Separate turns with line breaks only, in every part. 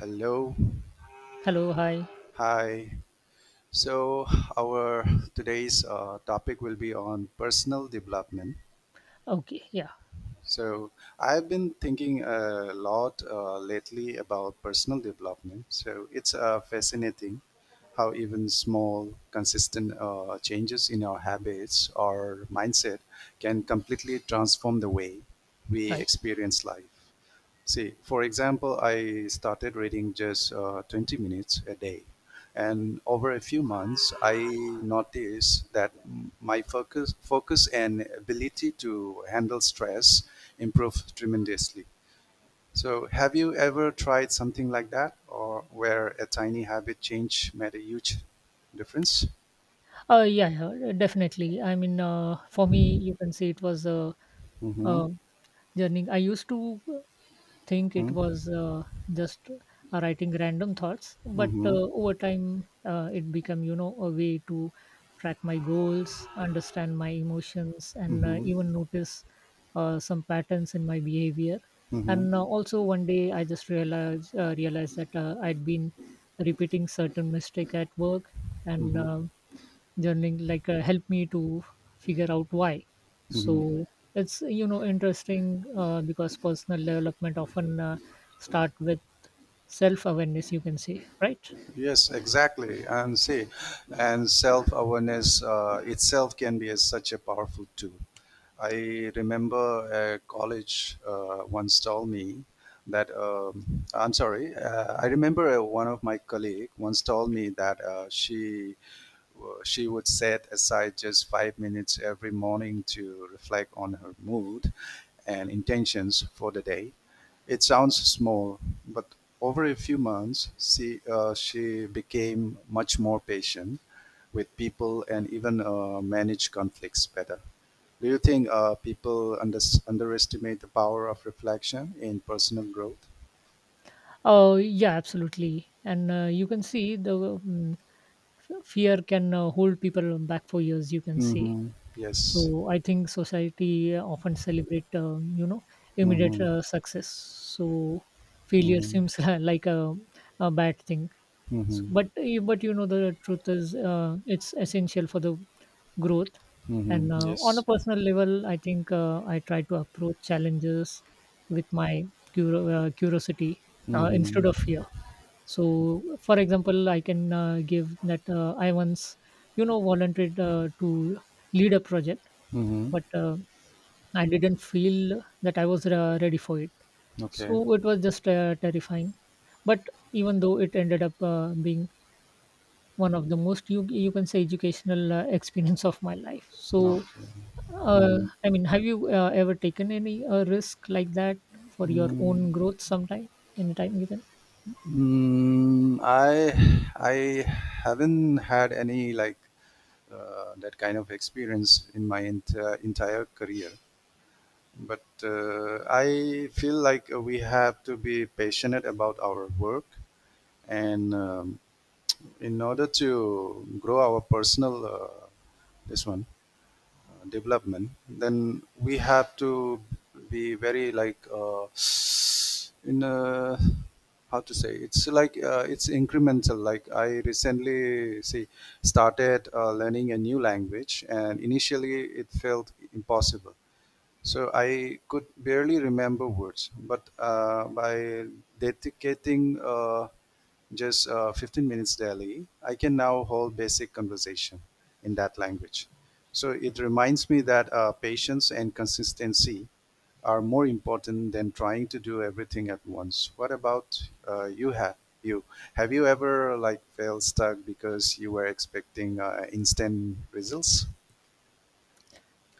Hello.
Hello, hi.
Hi. So, our today's topic will be on personal development.
Okay, yeah,
So, I've been thinking a lot lately about personal development. So, it's fascinating how even small, consistent changes in our habits or mindset can completely transform the way we
right.
experience life. See, for example, I started reading just 20 minutes a day. And over a few months, I noticed that my focus and ability to handle stress improved tremendously. So, have you ever tried something like that, or where a tiny habit change made a huge difference?
Yeah, yeah, definitely. I mean, for me, you can say it was
Mm-hmm.
a journey. I used to think it
Mm-hmm.
was just writing random thoughts, but
Mm-hmm.
over time it became, you know, a way to track my goals, understand my emotions, and
Mm-hmm.
even notice some patterns in my behavior.
Mm-hmm.
And also, one day I just realized that I'd been repeating certain mistake at work, and journaling, like, helped me to figure out why. So
Mm-hmm.
it's, you know, interesting because personal development often start with self awareness, you can say, right?
Yes, exactly. And self awareness itself can be such a powerful tool. I remember a college once told me that, I'm sorry, I remember one of my colleague once told me that uh, she would set aside just 5 minutes every morning to reflect on her mood and intentions for the day. It sounds small, but over a few months, she became much more patient with people and even manage conflicts better. Do you think people underestimate the power of reflection in personal growth?
Oh, yeah, absolutely. And you can see the fear can hold people back for years, you can see.
Mm-hmm. Yes.
So I think society often celebrate, you know, immediate
Mm-hmm.
success. So failure
Mm-hmm.
seems like a bad thing. S-
Mm-hmm.
but y- but you know, the truth is it's essential for the growth.
Mm-hmm.
And on a
Yes.
personal level, I think I try to approach challenges with my curiosity instead of
Mm-hmm.
fear. So for example, I can give that I once, you know, volunteered to lead a project,
Mhm.
but I didn't feel that I was ready for it.
Okay.
So it was just terrifying, but even though, it ended up being one of the most, you can say, educational experience of my life. So,
Okay. Mhm.
I mean, have you ever taken any risk like that for your
Mm,
own growth sometime, anytime you can?
mm, I I haven't had any like that kind of experience in my entire career, but I feel like we have to be passionate about our work, and in order to grow our personal this one, development, then we have to be very like in a, how to say it's like it's incremental. Like I recently see started learning a new language, and initially it felt impossible. So I could barely remember words, but by dedicating just 15 minutes daily, I can now hold basic conversation in that language. So it reminds me that patience and consistency are more important than trying to do everything at once. What about you? You have you ever felt stuck because you were expecting instant results?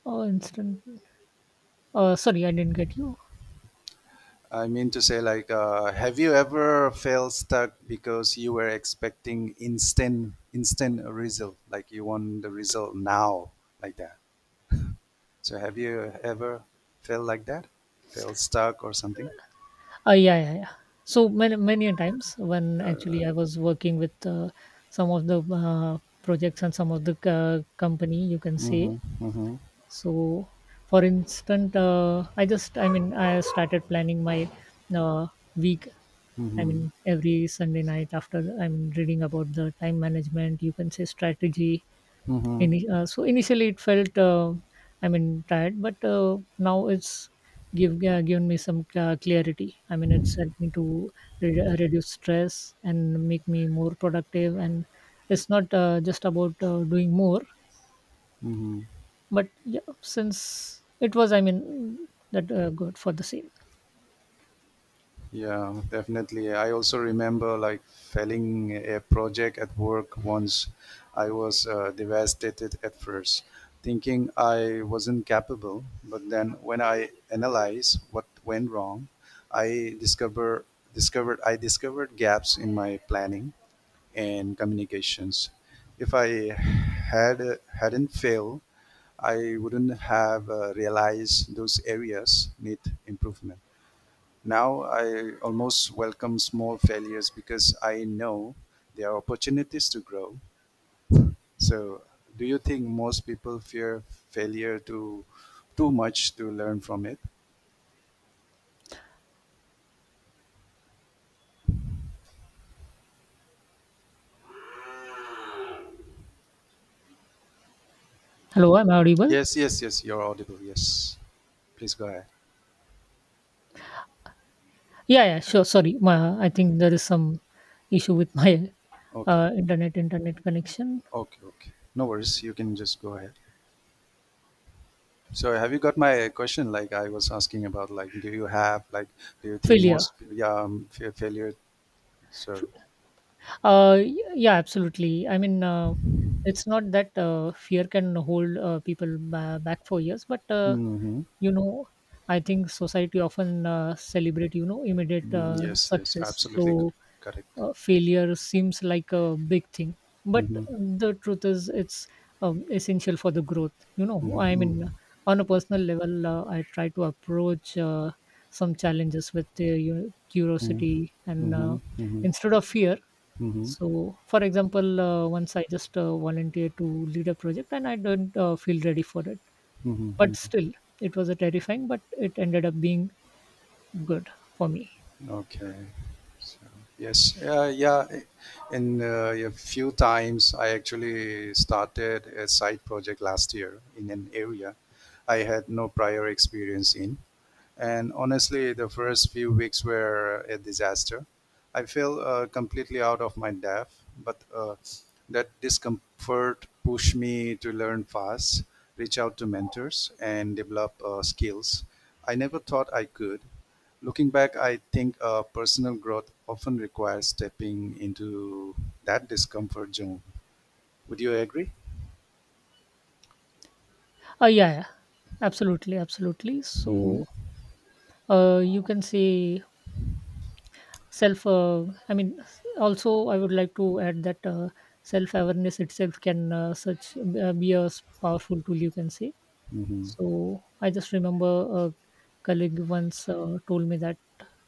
Oh, instant. Sorry, I didn't get you.
I mean to say, like, have you ever felt stuck because you were expecting instant result, like you want the result now, like that? So have you ever felt like that? Felt stuck or something?
Yeah, yeah, yeah. So many a times when actually I was working with some of the projects and some of the company, you can say.
Mm-hmm. Mm-hmm.
So, for instance, I just, I mean, I started planning my uh, week, I
Mm-hmm.
mean, every Sunday night after, I mean, reading about the time management, you can say, strategy.
Mm-hmm.
Any, so initially it felt, I mean, tired, but now it's given me some clarity. I mean, it's helped me to reduce stress and make me more productive. And it's not just about doing more, but yeah, since it was, I mean, that good for the same.
Yeah, definitely. I also remember like failing a project at work once. I was devastated at first, thinking I wasn't capable. But then, when I analyze what went wrong, I discover I discovered gaps in my planning and communications. If I hadn't failed, I wouldn't have realized those areas need improvement. Now I almost welcome small failures because I know there are opportunities to grow. So, do you think most people fear failure too much to learn from it?
Hello, I'm audible.
Yes, yes, yes. You're audible. Yes. Please go ahead.
Yeah, yeah, sure. Sorry, my, I think there is some issue with my
Okay.
internet connection
Okay. Okay. No worries. You can just go ahead. So, have you got my question? Like I was asking about, like, do you have, like, do you think
failure.
most, yeah, fear failure? So,
Yeah, absolutely. I mean, it's not that fear can hold people back for years, but
mm-hmm.
you know, I think society often celebrate, you know, immediate
Yes, yes,
success.
absolutely
So
correct.
failure seems like a big thing, but
Mm-hmm.
the truth is it's, essential for the growth, you know.
Mhm,
I mean,
mhm,
on a personal level, I try to approach some challenges with, you know,
mhm,
curiosity, and
mhm,
instead of fear.
mhm,
So for example, once I just volunteered to lead a project, and I didn't feel ready for it,
mhm,
but
mhm.
still, it was a terrifying, but it ended up being good for me.
Okay. So, yes, in a few times, I actually started a side project last year in an area I had no prior experience in. And honestly, the first few weeks were a disaster. I felt completely out of my depth, but that discomfort pushed me to learn fast, reach out to mentors, and develop skills I never thought I could. Looking back, I think personal growth often requires stepping into that discomfort zone. Would you agree?
Uh, yeah, yeah, absolutely, absolutely.
Mm-hmm.
So you can say, self I mean s- also, I would like to add that self awareness itself can, such be a powerful tool, you can say.
Mm-hmm.
So I just remember a colleague once told me that,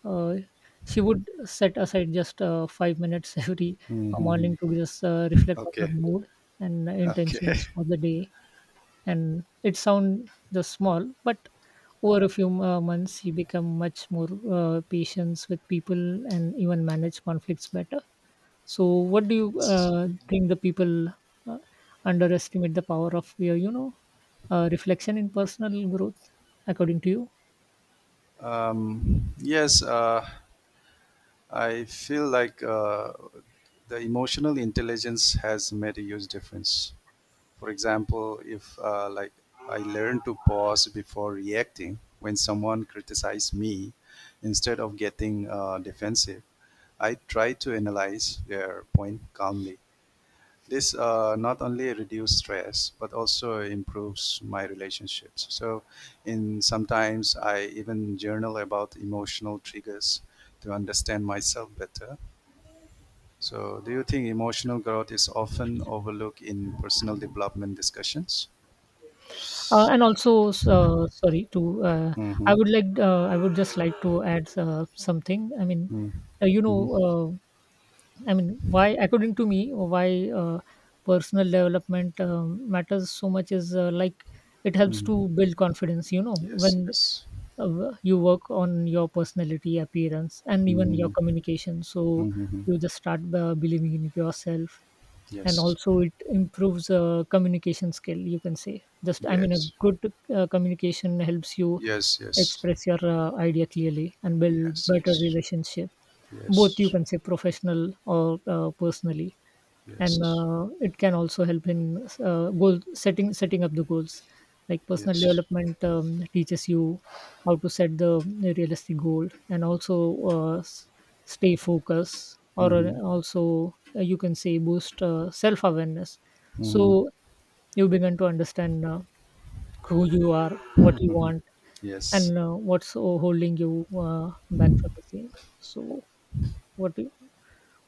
uh, she would set aside just 5 minutes every
Mm-hmm.
morning to just reflect on her
Okay.
mood and intentions for the day. And it sound just small, but over a few months, he become much more patient with people and even manage conflicts better. So what do you
Okay.
think, the people uh, underestimate the power of your, you know, reflection in personal growth, according to you?
Um, yes, uh, I feel like the emotional intelligence has made a huge difference. For example, if like I learned to pause before reacting when someone criticized me, instead of getting defensive, I try to analyze their point calmly. This not only reduce stress but also improves my relationships. So, in sometimes I even journal about emotional triggers to understand myself better. So, do you think emotional growth is often overlooked in personal development discussions?
Uh, and also sorry to I
Mm-hmm.
would like I would just like to add something. I mean,
Mm.
uh, you know
Mm-hmm.
uh, I mean, why, according to me, why personal development, matters so much is, like, it helps
Mm-hmm.
to build confidence. You know,
Yes.
when
Yes.
you work on your personality, appearance, and even your
Mm-hmm.
communication, so
Mm-hmm.
you just start believing in yourself. And
Yes.
also, it improves communication skill. You can say, just, I mean, a
Yes.
good communication helps you
Yes. Yes.
express your idea clearly and build better
Yes.
relationship,
Yes.
both, you
Yes.
can say, professional or personally. And
Yes.
it can also help in goal setting, setting up the goals, like personal
Yes.
development, teaches you how to set the realistic goal, and also stay focused, or
Mm-hmm.
also, you can say, boost self awareness.
Mhm.
So you begin to understand who you are, what you want,
Yes,
and what's holding you back for the same. So what do-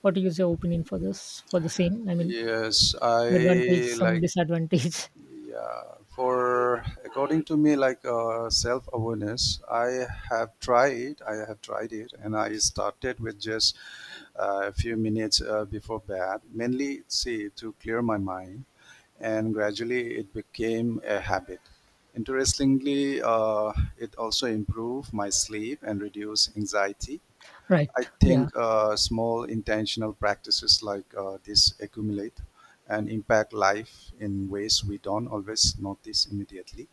what is your opinion for this, for the same, I mean,
yes.
advantage,
I
some
like
disadvantage?
yeah. For according to me, like self awareness, I have tried it, and I started with just a few minutes before bed. Mainly, see to clear my mind, and gradually it became a habit. Interestingly, it also improved my sleep and reduced anxiety. I
Right.
think
Yeah.
small intentional practices like this accumulate and impact life in ways we don't always notice immediately.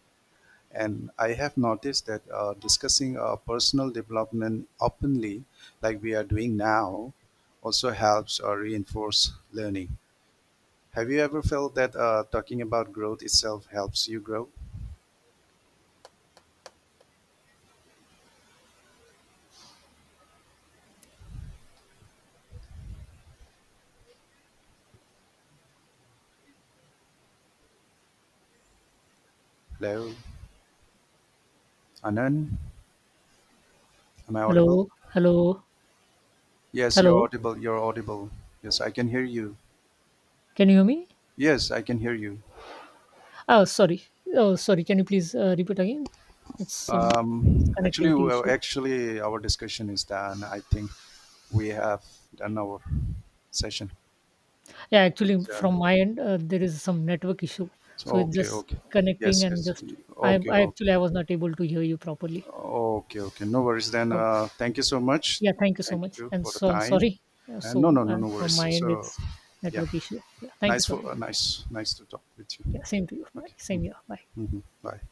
And I have noticed that discussing personal development openly, like we are doing now, also helps or reinforce learning. Have you ever felt that talking about growth itself helps you grow? Hello, Anand, am I audible?
Hello. Hello.
Yes, you're
Hello.
audible. You're audible. Yes, I can hear you.
Can you hear me?
Yes, I can hear you.
Oh, sorry. Oh, sorry. Can you please repeat again? It's some
Um, actually,
connectivity
well,
issue.
actually, our discussion is done. I think we have done our session.
Yeah, actually,
So,
from my end, there is some network issue.
so
So it's
okay,
just
okay.
connecting
Yes,
and
yes.
just, I,
Okay,
I
okay,
actually, I was not able to hear you properly.
okay, okay. No worries then.
Okay.
Thank you so much.
Yeah, thank you so
Thank
much.
you
And
for the
so
time.
sorry.
And
So
no, no, no, no
from
worries.
my end,
So,
it's
yeah,
network issue. Yeah, thank you so much.
nice to talk with you.
Yeah, same to you. Bye.
Okay.
Same here. Bye.
Mm-hmm. Mm-hmm. Bye.